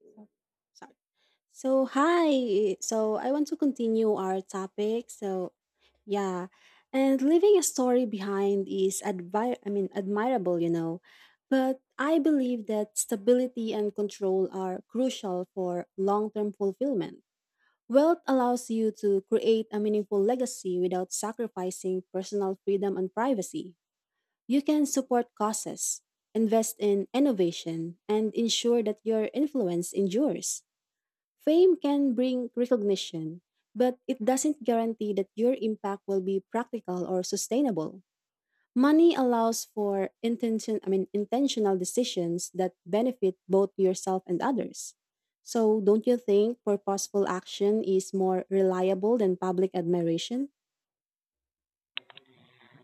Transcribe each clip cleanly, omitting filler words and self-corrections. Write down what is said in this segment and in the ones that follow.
So, sorry. So, hi. So, I want to continue our topic. Yeah. And leaving a story behind is admirable, you know. But I believe that stability and control are crucial for long-term fulfillment. Wealth allows you to create a meaningful legacy without sacrificing personal freedom and privacy. You can support causes, invest in innovation, and ensure that your influence endures. Fame can bring recognition, but it doesn't guarantee that your impact will be practical or sustainable. Money allows for intentional decisions that benefit both yourself and others. So, don't you think purposeful action is more reliable than public admiration?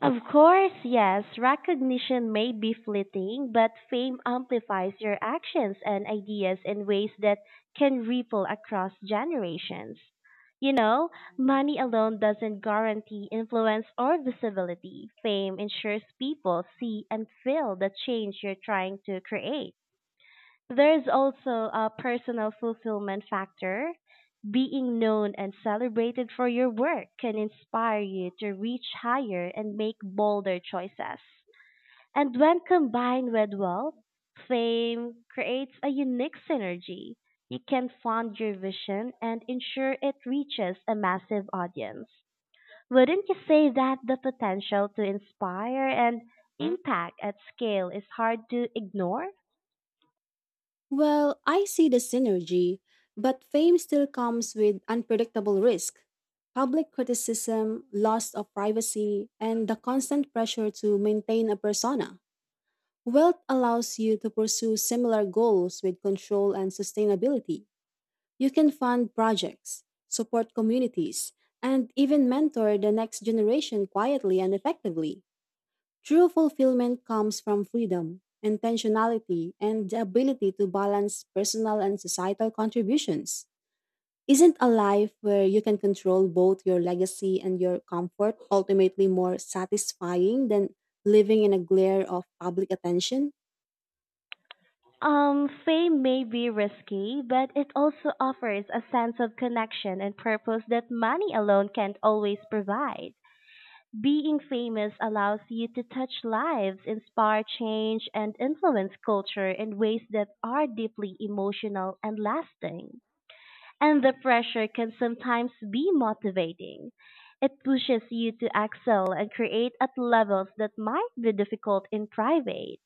Of course, yes, recognition may be fleeting, but fame amplifies your actions and ideas in ways that can ripple across generations. You know, money alone doesn't guarantee influence or visibility. Fame ensures people see and feel the change you're trying to create. There's also a personal fulfillment factor. Being known and celebrated for your work can inspire you to reach higher and make bolder choices. And when combined with wealth, fame creates a unique synergy. You can fund your vision and ensure it reaches a massive audience. Wouldn't you say that the potential to inspire and impact at scale is hard to ignore? Well, I see the synergy, but fame still comes with unpredictable risk. Public criticism, loss of privacy, and the constant pressure to maintain a persona. Wealth allows you to pursue similar goals with control and sustainability. You can fund projects, support communities, and even mentor the next generation quietly and effectively. True fulfillment comes from freedom, intentionality, and the ability to balance personal and societal contributions. Isn't a life where you can control both your legacy and your comfort ultimately more satisfying than living in a glare of public attention? Fame may be risky, but it also offers a sense of connection and purpose that money alone can't always provide. Being famous allows you to touch lives, inspire change, and influence culture in ways that are deeply emotional and lasting. And the pressure can sometimes be motivating. It pushes you to excel and create at levels that might be difficult in private.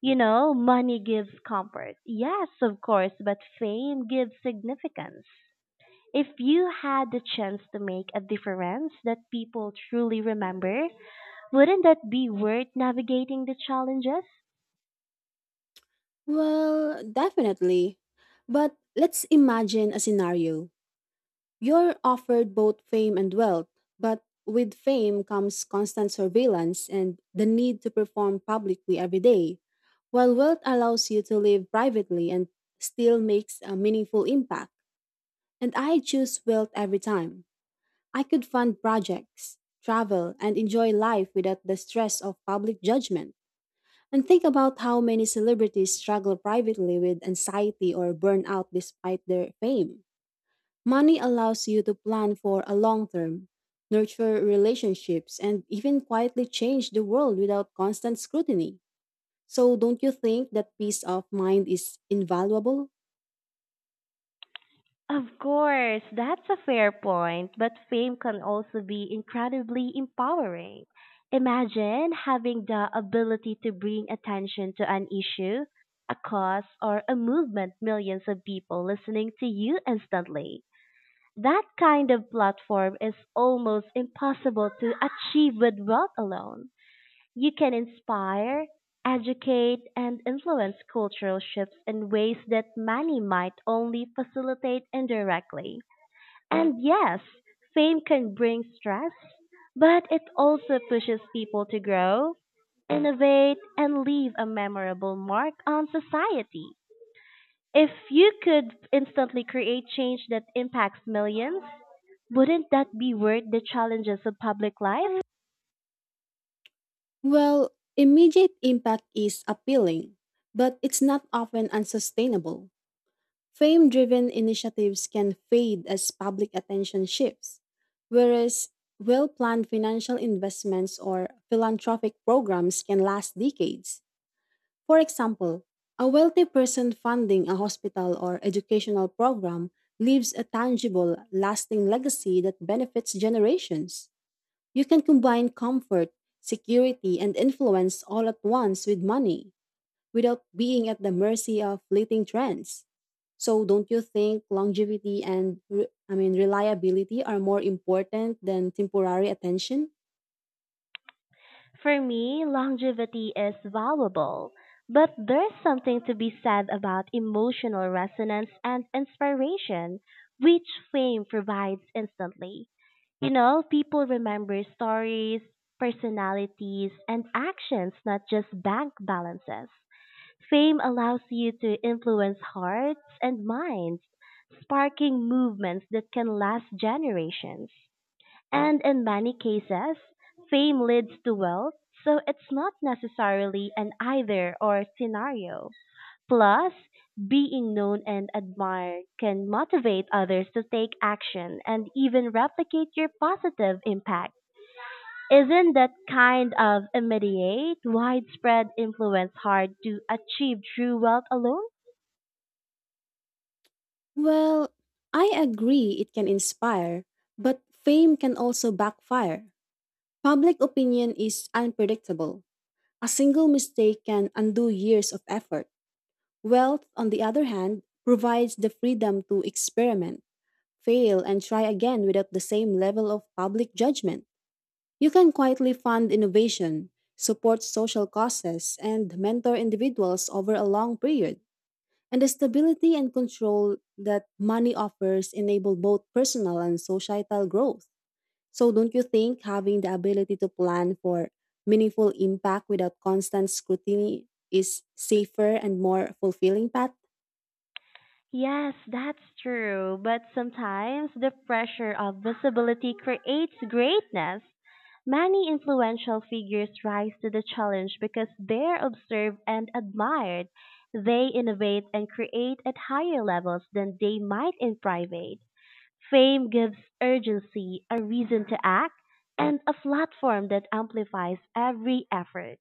You know, money gives comfort. Yes, of course, but fame gives significance. If you had the chance to make a difference that people truly remember, wouldn't that be worth navigating the challenges? Well, definitely. But let's imagine a scenario. You're offered both fame and wealth, but with fame comes constant surveillance and the need to perform publicly every day, while wealth allows you to live privately and still makes a meaningful impact. And I choose wealth every time. I could fund projects, travel, and enjoy life without the stress of public judgment. And think about how many celebrities struggle privately with anxiety or burnout despite their fame. Money allows you to plan for a long term, nurture relationships, and even quietly change the world without constant scrutiny. So, don't you think that peace of mind is invaluable? Of course, that's a fair point, but fame can also be incredibly empowering. Imagine having the ability to bring attention to an issue, a cause, or a movement millions of people listening to you instantly. That kind of platform is almost impossible to achieve with wealth alone. You can inspire, educate, and influence cultural shifts in ways that money might only facilitate indirectly. And yes, fame can bring stress, but it also pushes people to grow, innovate, and leave a memorable mark on society. If you could instantly create change that impacts millions, wouldn't that be worth the challenges of public life? Well, immediate impact is appealing, but it's not often unsustainable. Fame driven initiatives can fade as public attention shifts, whereas well planned financial investments or philanthropic programs can last decades. For example, a wealthy person funding a hospital or educational program leaves a tangible, lasting legacy that benefits generations. You can combine comfort, security, and influence all at once with money without being at the mercy of fleeting trends. So don't you think longevity and reliability are more important than temporary attention? For me, longevity is valuable, but there's something to be said about emotional resonance and inspiration, which fame provides instantly. You know, people remember stories, personalities, and actions, not just bank balances. Fame allows you to influence hearts and minds, sparking movements that can last generations. And in many cases, fame leads to wealth, so it's not necessarily an either or scenario. Plus, being known and admired can motivate others to take action and even replicate your positive impact. Isn't that kind of immediate, widespread influence hard to achieve through wealth alone? Well, I agree it can inspire, but fame can also backfire. Public opinion is unpredictable. A single mistake can undo years of effort. Wealth, on the other hand, provides the freedom to experiment, fail, and try again without the same level of public judgment. You can quietly fund innovation, support social causes, and mentor individuals over a long period. And the stability and control that money offers enable both personal and societal growth. So don't you think having the ability to plan for meaningful impact without constant scrutiny is safer and more fulfilling path? Yes, that's true, but sometimes the pressure of visibility creates greatness. Many influential figures rise to the challenge because they're observed and admired. They innovate and create at higher levels than they might in private. Fame gives urgency, a reason to act, and a platform that amplifies every effort.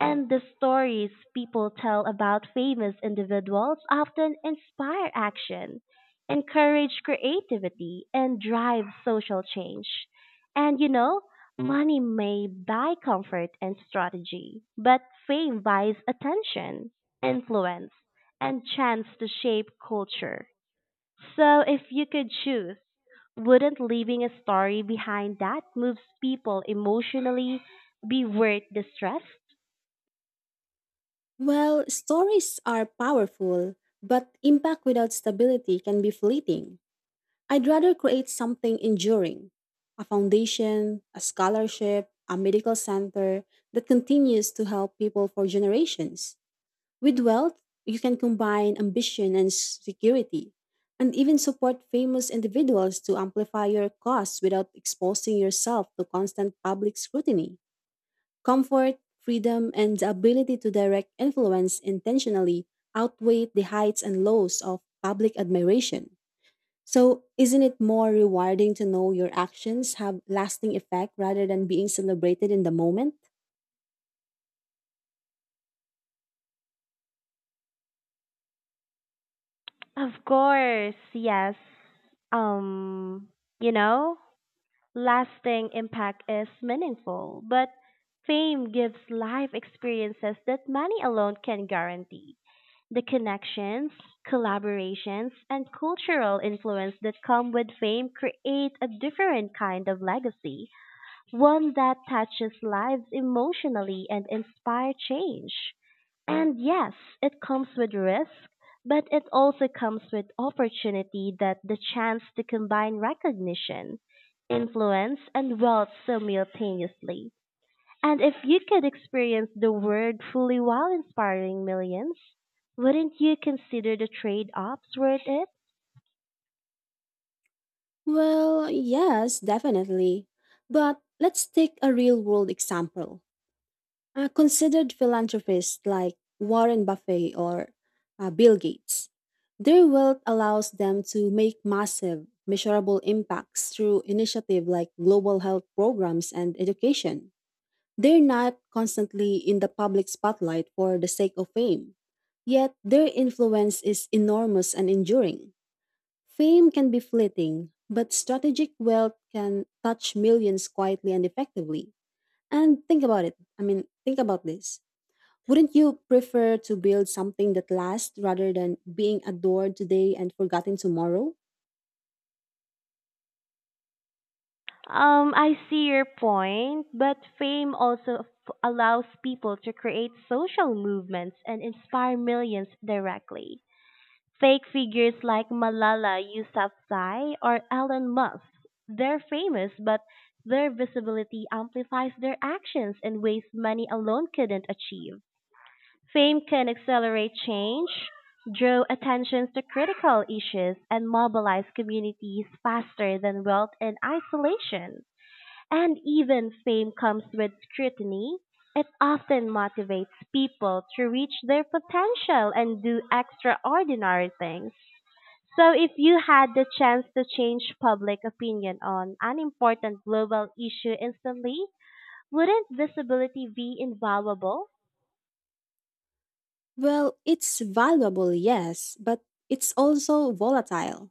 And the stories people tell about famous individuals often inspire action, encourage creativity, and drive social change. And you know, money may buy comfort and strategy, but fame buys attention, influence, and chance to shape culture. So if you could choose, wouldn't leaving a story behind that moves people emotionally be worth the stress? Well, stories are powerful, but impact without stability can be fleeting. I'd rather create something enduring, a foundation, a scholarship, a medical center that continues to help people for generations. With wealth, you can combine ambition and security, and even support famous individuals to amplify your cause without exposing yourself to constant public scrutiny. Comfort, freedom, and the ability to direct influence intentionally outweigh the heights and lows of public admiration. So, isn't it more rewarding to know your actions have lasting effect rather than being celebrated in the moment? Of course, yes. Um, you know, lasting impact is meaningful, but fame gives life experiences that money alone can guarantee. The connections, collaborations, and cultural influence that come with fame create a different kind of legacy, one that touches lives emotionally and inspire change. And yes, it comes with risk, but it also comes with opportunity that the chance to combine recognition, influence, and wealth simultaneously. And if you could experience the world fully while inspiring millions, wouldn't you consider the trade-offs worth it? Well, yes, definitely. But let's take a real world example. A considered philanthropists like Warren Buffett or Bill Gates. Their wealth allows them to make massive, measurable impacts through initiatives like global health programs and education. They're not constantly in the public spotlight for the sake of fame, yet their influence is enormous and enduring. Fame can be fleeting, but strategic wealth can touch millions quietly and effectively. And think about it. I mean, think about this. Wouldn't you prefer to build something that lasts rather than being adored today and forgotten tomorrow? I see your point, but fame also allows people to create social movements and inspire millions directly. Fake figures like Malala Yousafzai or Elon Musk, they're famous, but their visibility amplifies their actions in ways money alone couldn't achieve. Fame can accelerate change, draw attention to critical issues, and mobilize communities faster than wealth and isolation. And even fame comes with scrutiny. It often motivates people to reach their potential and do extraordinary things. So, if you had the chance to change public opinion on an important global issue instantly, wouldn't visibility be invaluable? Well, it's valuable, yes, but it's also volatile.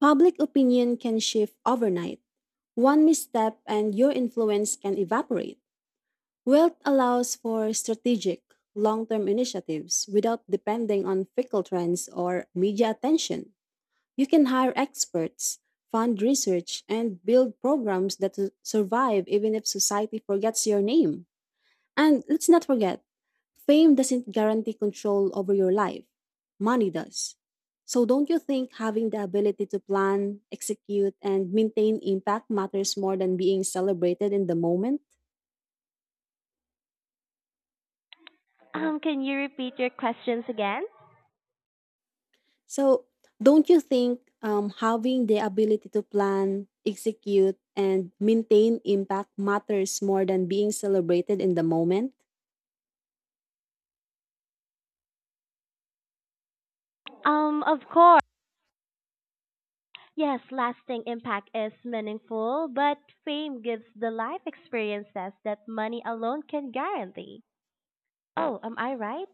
Public opinion can shift overnight. One misstep and your influence can evaporate. Wealth allows for strategic, long term initiatives without depending on fickle trends or media attention. You can hire experts, fund research, and build programs that survive even if society forgets your name. And let's not forget, fame doesn't guarantee control over your life, money does. So, don't you think having the ability to plan, execute, and maintain impact matters more than being celebrated in the moment? Can you repeat your questions again? So, don't you think having the ability to plan, execute, and maintain impact matters more than being celebrated in the moment? Of course. Yes, lasting impact is meaningful, but fame gives the life experiences that money alone can guarantee. Oh, am I right?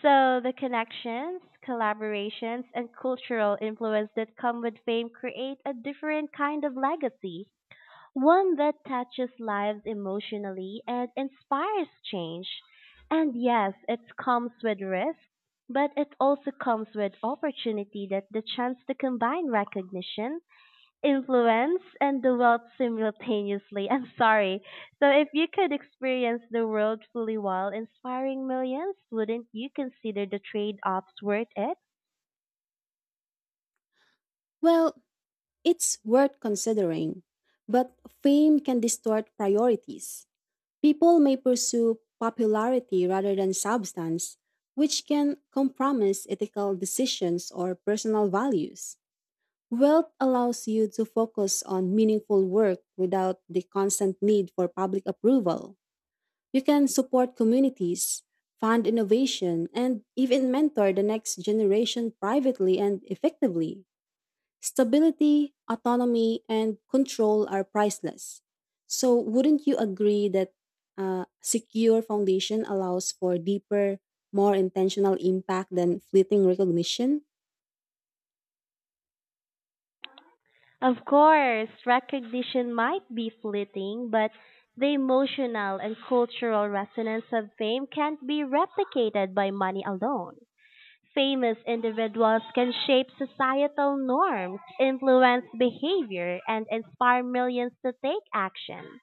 So the connections, collaborations, and cultural influence that come with fame create a different kind of legacy, one that touches lives emotionally and inspires change. And yes, it comes with risk, but it also comes with opportunity that the chance to combine recognition, influence and the wealth simultaneously. I'm sorry. So, if you could experience the world fully while inspiring millions, wouldn't you consider the trade offs worth it? Well, it's worth considering, but fame can distort priorities. People may pursue popularity rather than substance, which can compromise ethical decisions or personal values. Wealth allows you to focus on meaningful work without the constant need for public approval. You can support communities, fund innovation, and even mentor the next generation privately and effectively. Stability, autonomy, and control are priceless. So, wouldn't you agree that a secure foundation allows for deeper, more intentional impact than fleeting recognition? Of course, recognition might be fleeting, but the emotional and cultural resonance of fame can't be replicated by money alone. Famous individuals can shape societal norms, influence behavior, and inspire millions to take action.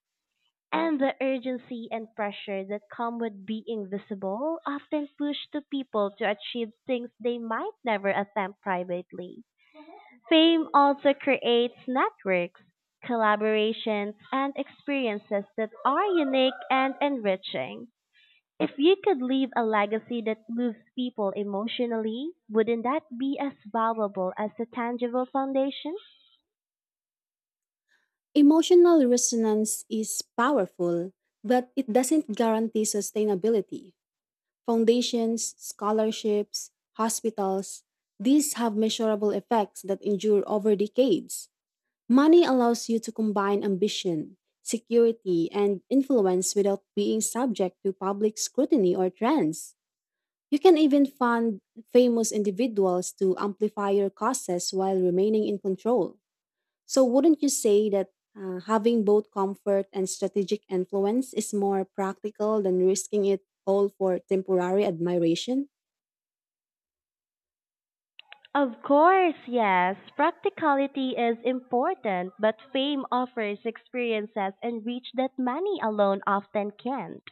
And the urgency and pressure that come with being visible often push to people to achieve things they might never attempt privately. Fame also creates networks, collaborations, and experiences that are unique and enriching. If you could leave a legacy that moves people emotionally, wouldn't that be as valuable as a tangible foundation? Emotional resonance is powerful, but it doesn't guarantee sustainability. Foundations, scholarships, hospitals, these have measurable effects that endure over decades. Money allows you to combine ambition, security, and influence without being subject to public scrutiny or trends. You can even fund famous individuals to amplify your causes while remaining in control. So, wouldn't you say that having both comfort and strategic influence is more practical than risking it all for temporary admiration? Of course, yes, practicality is important, but fame offers experiences and reach that money alone often can't.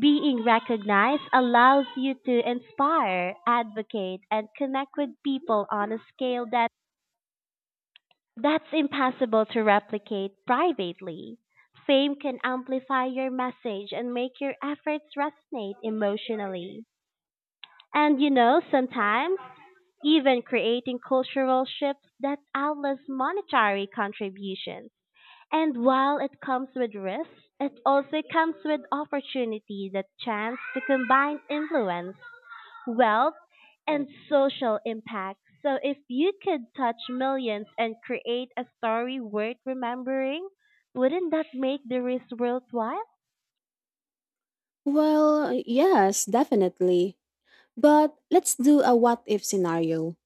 Being recognized allows you to inspire, advocate, and connect with people on a scale that's impossible to replicate privately. Fame can amplify your message and make your efforts resonate emotionally. And you know, sometimes even creating cultural shifts that outlast monetary contributions. And while it comes with risks, it also comes with opportunities that chance to combine influence, wealth, and social impact. So if you could touch millions and create a story worth remembering, wouldn't that make the risk worthwhile? Well, yes, definitely. But let's do a what if scenario.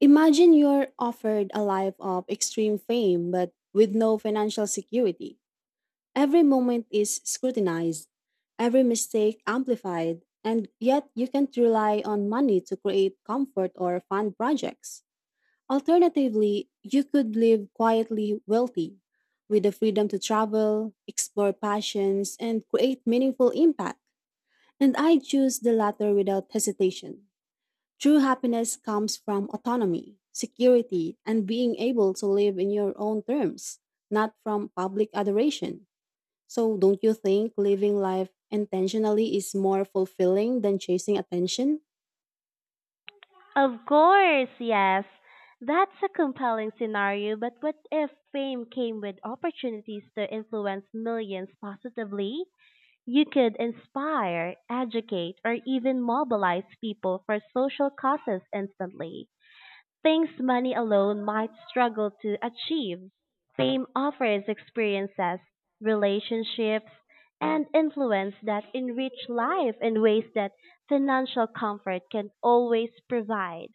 Imagine you're offered a life of extreme fame but with no financial security. Every moment is scrutinized, every mistake amplified, and yet you can't rely on money to create comfort or fund projects. Alternatively, you could live quietly wealthy with the freedom to travel, explore passions, and create meaningful impact. And I choose the latter without hesitation. True happiness comes from autonomy, security, and being able to live in your own terms, not from public adoration. So, don't you think living life intentionally is more fulfilling than chasing attention? Of course, yes. That's a compelling scenario, but what if fame came with opportunities to influence millions positively? You could inspire, educate, or even mobilize people for social causes instantly. Things money alone might struggle to achieve. Fame offers experiences, relationships, and influence that enrich life in ways that financial comfort can always provide.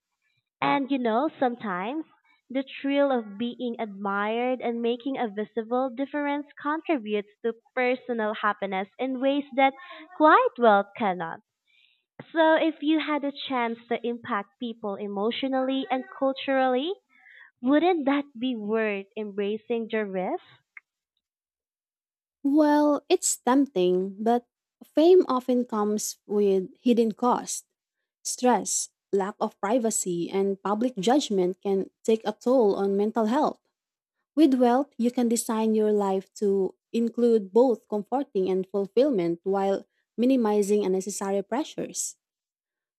And you know, sometimes the thrill of being admired and making a visible difference contributes to personal happiness in ways that quiet wealth cannot. So, if you had a chance to impact people emotionally and culturally, wouldn't that be worth embracing the risk? Well, it's tempting, but fame often comes with hidden cost. Stress, lack of privacy, and public judgment can take a toll on mental health. With wealth, you can design your life to include both comforting and fulfillment while minimizing unnecessary pressures.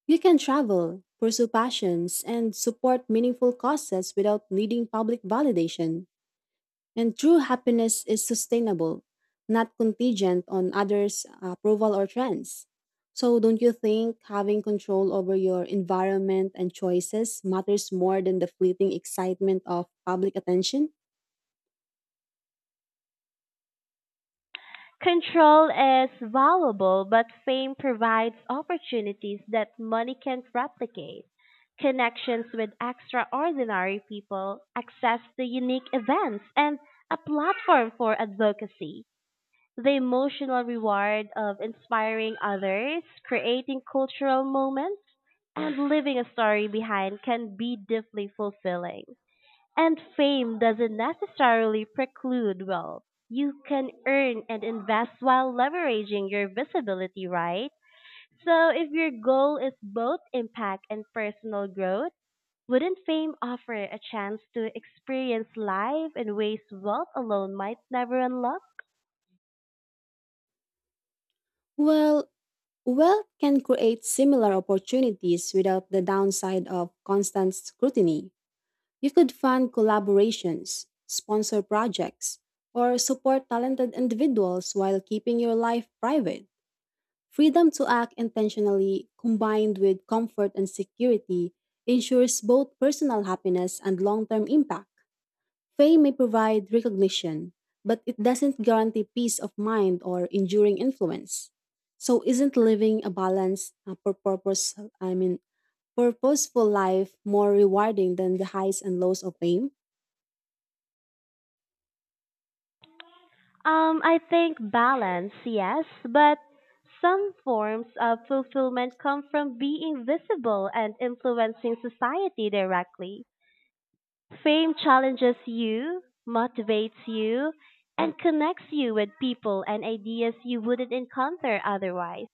You can travel, pursue passions, and support meaningful causes without needing public validation. And true happiness is sustainable, not contingent on others' approval or trends. So, don't you think having control over your environment and choices matters more than the fleeting excitement of public attention? Control is valuable, but fame provides opportunities that money can't replicate. Connections with extraordinary people, access to unique events, and a platform for advocacy. The emotional reward of inspiring others, creating cultural moments, and leaving a story behind can be deeply fulfilling. And fame doesn't necessarily preclude wealth. You can earn and invest while leveraging your visibility, right? So if your goal is both impact and personal growth, wouldn't fame offer a chance to experience life in ways wealth alone might never unlock? Well, wealth can create similar opportunities without the downside of constant scrutiny. You could fund collaborations, sponsor projects, or support talented individuals while keeping your life private. Freedom to act intentionally, combined with comfort and security, ensures both personal happiness and long term impact. Fame may provide recognition, but it doesn't guarantee peace of mind or enduring influence. So, isn't living a balanced, I mean, purposeful life more rewarding than the highs and lows of fame? I think balance, yes, but some forms of fulfillment come from being visible and influencing society directly. Fame challenges you, motivates you, and connects you with people and ideas you wouldn't encounter otherwise.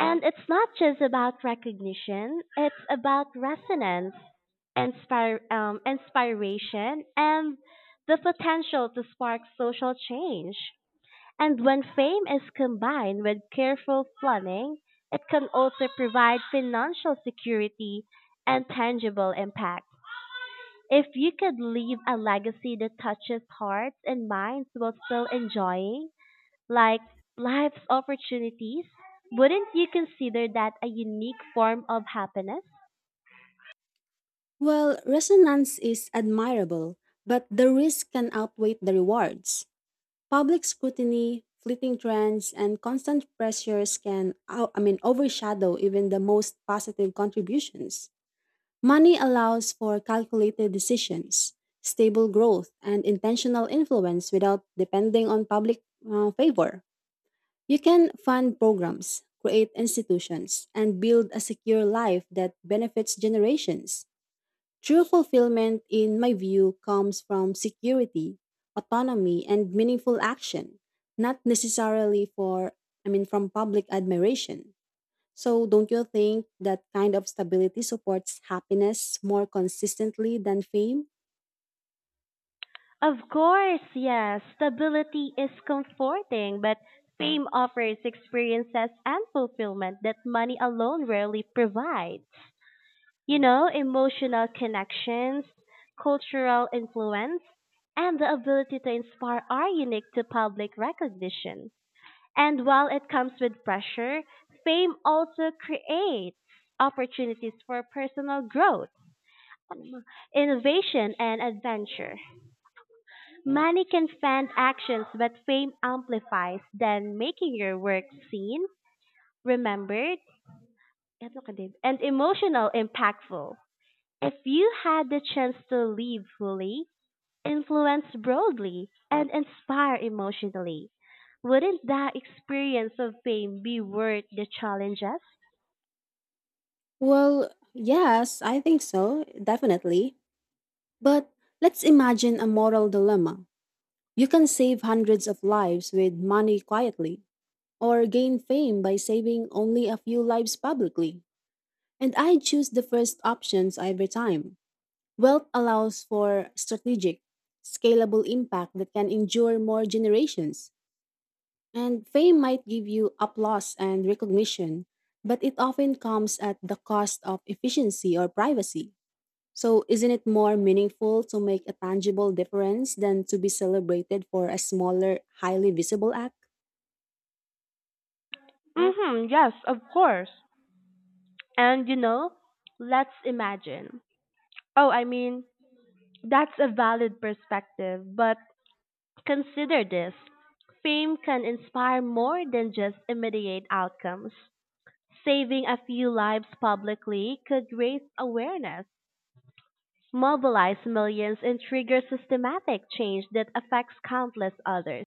And it's not just about recognition, it's about resonance, inspiration, and the potential to spark social change. And when fame is combined with careful planning, it can also provide financial security and tangible impact. If you could leave a legacy that touches hearts and minds while still enjoying, like, life's opportunities, wouldn't you consider that a unique form of happiness? Well, resonance is admirable, but the risk can outweigh the rewards. Public scrutiny, fleeting trends, and constant pressures can, overshadow even the most positive contributions. Money allows for calculated decisions, stable growth, and intentional influence without depending on public favor. You can fund programs, create institutions, and build a secure life that benefits generations. True fulfillment, in my view, comes from security, autonomy, and meaningful action, not necessarily for, I mean, from public admiration. So, don't you think that kind of stability supports happiness more consistently than fame? Of course, yes, stability is comforting, but fame offers experiences and fulfillment that money alone rarely provides. You know, emotional connections, cultural influence, and the ability to inspire are unique to public recognition. And while it comes with pressure, fame also creates opportunities for personal growth, innovation, and adventure. Money can fund actions, but fame amplifies, then making your work seen, remembered, and emotional impactful. If you had the chance to live fully, influence broadly, and inspire emotionally, wouldn't that experience of fame be worth the challenges? Well, yes, I think so, definitely. But let's imagine a moral dilemma. You can save hundreds of lives with money quietly, or gain fame by saving only a few lives publicly. And I choose the first options every time. Wealth allows for strategic, scalable impact that can endure more generations. And fame might give you applause and recognition, but it often comes at the cost of efficiency or privacy. So, isn't it more meaningful to make a tangible difference than to be celebrated for a smaller, highly visible act? Mm-hmm, yes, of course. And you know, let's imagine. Oh, I mean, that's a valid perspective, but consider this. Fame can inspire more than just immediate outcomes. Saving a few lives publicly could raise awareness, mobilize millions, and trigger systematic change that affects countless others.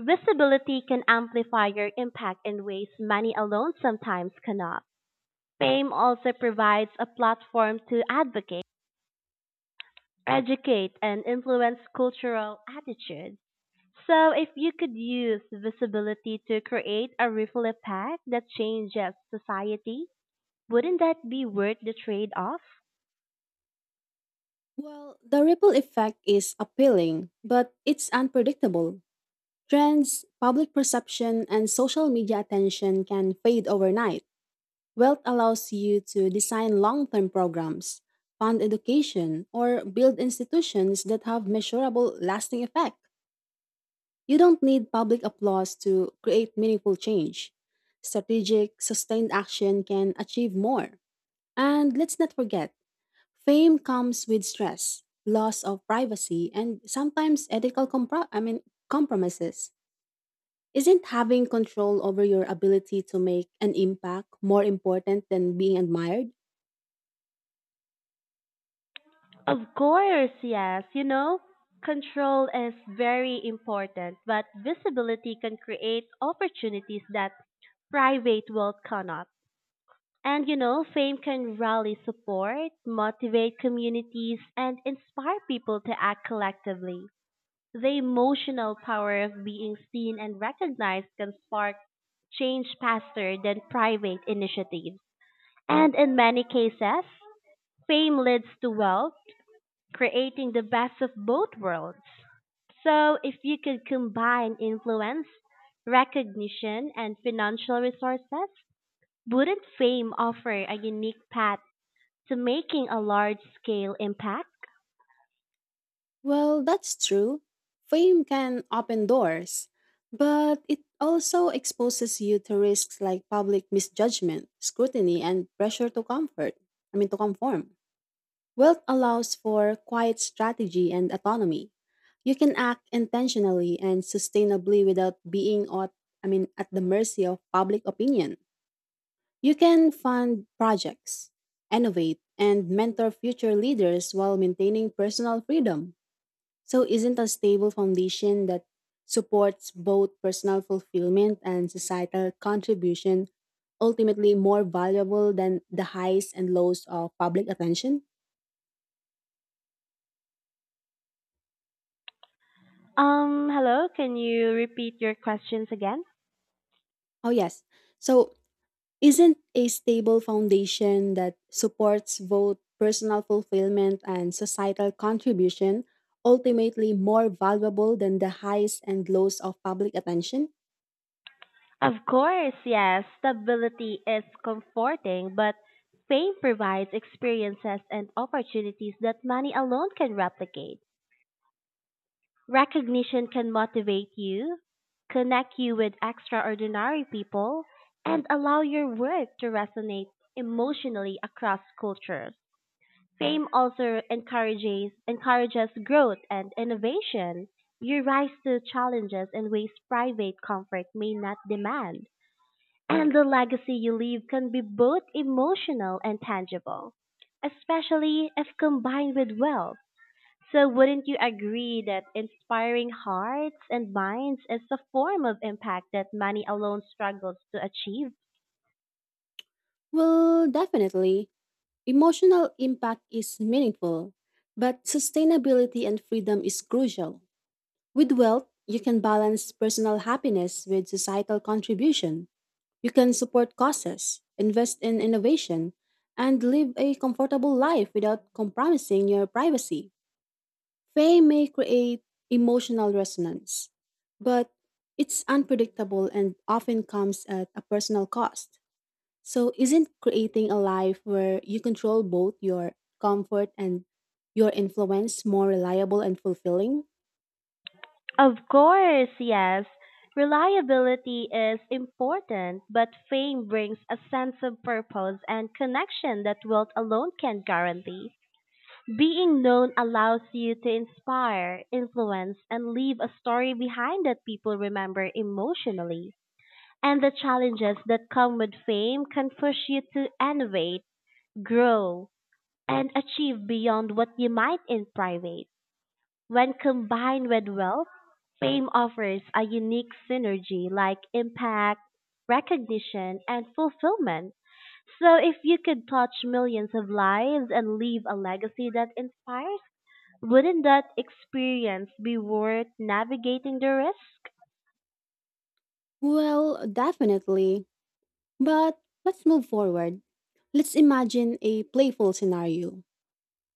Visibility can amplify your impact in ways money alone sometimes cannot. Fame also provides a platform to advocate, educate, and influence cultural attitudes. So, if you could use visibility to create a ripple effect that changes society, wouldn't that be worth the trade off? Well, the ripple effect is appealing, but it's unpredictable. Trends, public perception, and social media attention can fade overnight. Wealth allows you to design long term programs, fund education, or build institutions that have measurable lasting effect. You don't need public applause to create meaningful change. Strategic, sustained action can achieve more. And let's not forget, fame comes with stress, loss of privacy, and sometimes ethical compromises. Isn't having control over your ability to make an impact more important than being admired? Of course, yes. You know, control is very important, but visibility can create opportunities that private wealth cannot. And you know, fame can rally support, motivate communities, and inspire people to act collectively. The emotional power of being seen and recognized can spark change faster than private initiatives. And in many cases, fame leads to wealth, creating the best of both worlds. So, if you could combine influence, recognition, and financial resources, wouldn't fame offer a unique path to making a large scale impact? Well, that's true. Fame can open doors, but it also exposes you to risks like public misjudgment, scrutiny, and pressure to comfort. I mean, to conform. Wealth allows for quiet strategy and autonomy. You can act intentionally and sustainably without being at, I mean, at the mercy of public opinion. You can fund projects, innovate, and mentor future leaders while maintaining personal freedom. So, isn't a stable foundation that supports both personal fulfillment and societal contribution ultimately more valuable than the highs and lows of public attention? Hello, can you repeat your questions again? Oh, yes. So, isn't a stable foundation that supports both personal fulfillment and societal contribution ultimately more valuable than the highs and lows of public attention? Of course, yes, stability is comforting, but fame provides experiences and opportunities that money alone can replicate. Recognition can motivate you, connect you with extraordinary people, and allow your work to resonate emotionally across cultures. Fame also encourages growth and innovation. You rise to challenges in ways private comfort may not demand, and the legacy you leave can be both emotional and tangible, especially if combined with wealth. So wouldn't you agree that inspiring hearts and minds is a form of impact that money alone struggles to achieve? Well, definitely. Emotional impact is meaningful, but sustainability and freedom is crucial. With wealth, you can balance personal happiness with societal contribution. You can support causes, invest in innovation, and live a comfortable life without compromising your privacy. Fame may create emotional resonance, but it's unpredictable and often comes at a personal cost. So, isn't creating a life where you control both your comfort and your influence more reliable and fulfilling? Of course, yes. Reliability is important, but fame brings a sense of purpose and connection that wealth alone can't guarantee. Being known allows you to inspire, influence, and leave a story behind that people remember emotionally. And the challenges that come with fame can push you to innovate, grow, and achieve beyond what you might in private. When combined with wealth, fame offers a unique synergy like impact, recognition, and fulfillment. So if you could touch millions of lives and leave a legacy that inspires, wouldn't that experience be worth navigating the risk? Well, definitely. But let's move forward. Let's imagine a playful scenario.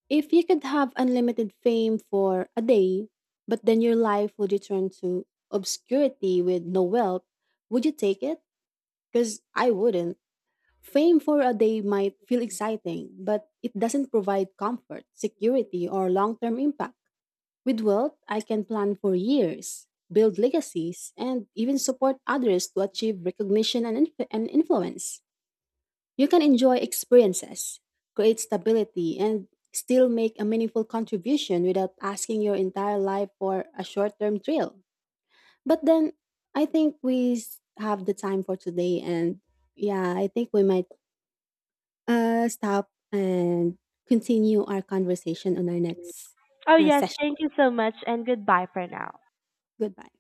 If you could have unlimited fame for a day, but then your life would return to obscurity with no wealth, would you take it? Because I wouldn't. Fame for a day might feel exciting, but it doesn't provide comfort, security, or long term impact. With wealth, I can plan for years, build legacies, and even support others to achieve recognition and, influence. You can enjoy experiences, create stability, and still make a meaningful contribution without asking your entire life for a short term thrill. But then I think we have the time for today, and yeah, I think we might stop and continue our conversation on our next Oh yes, session. thank you so much and goodbye for now. Goodbye.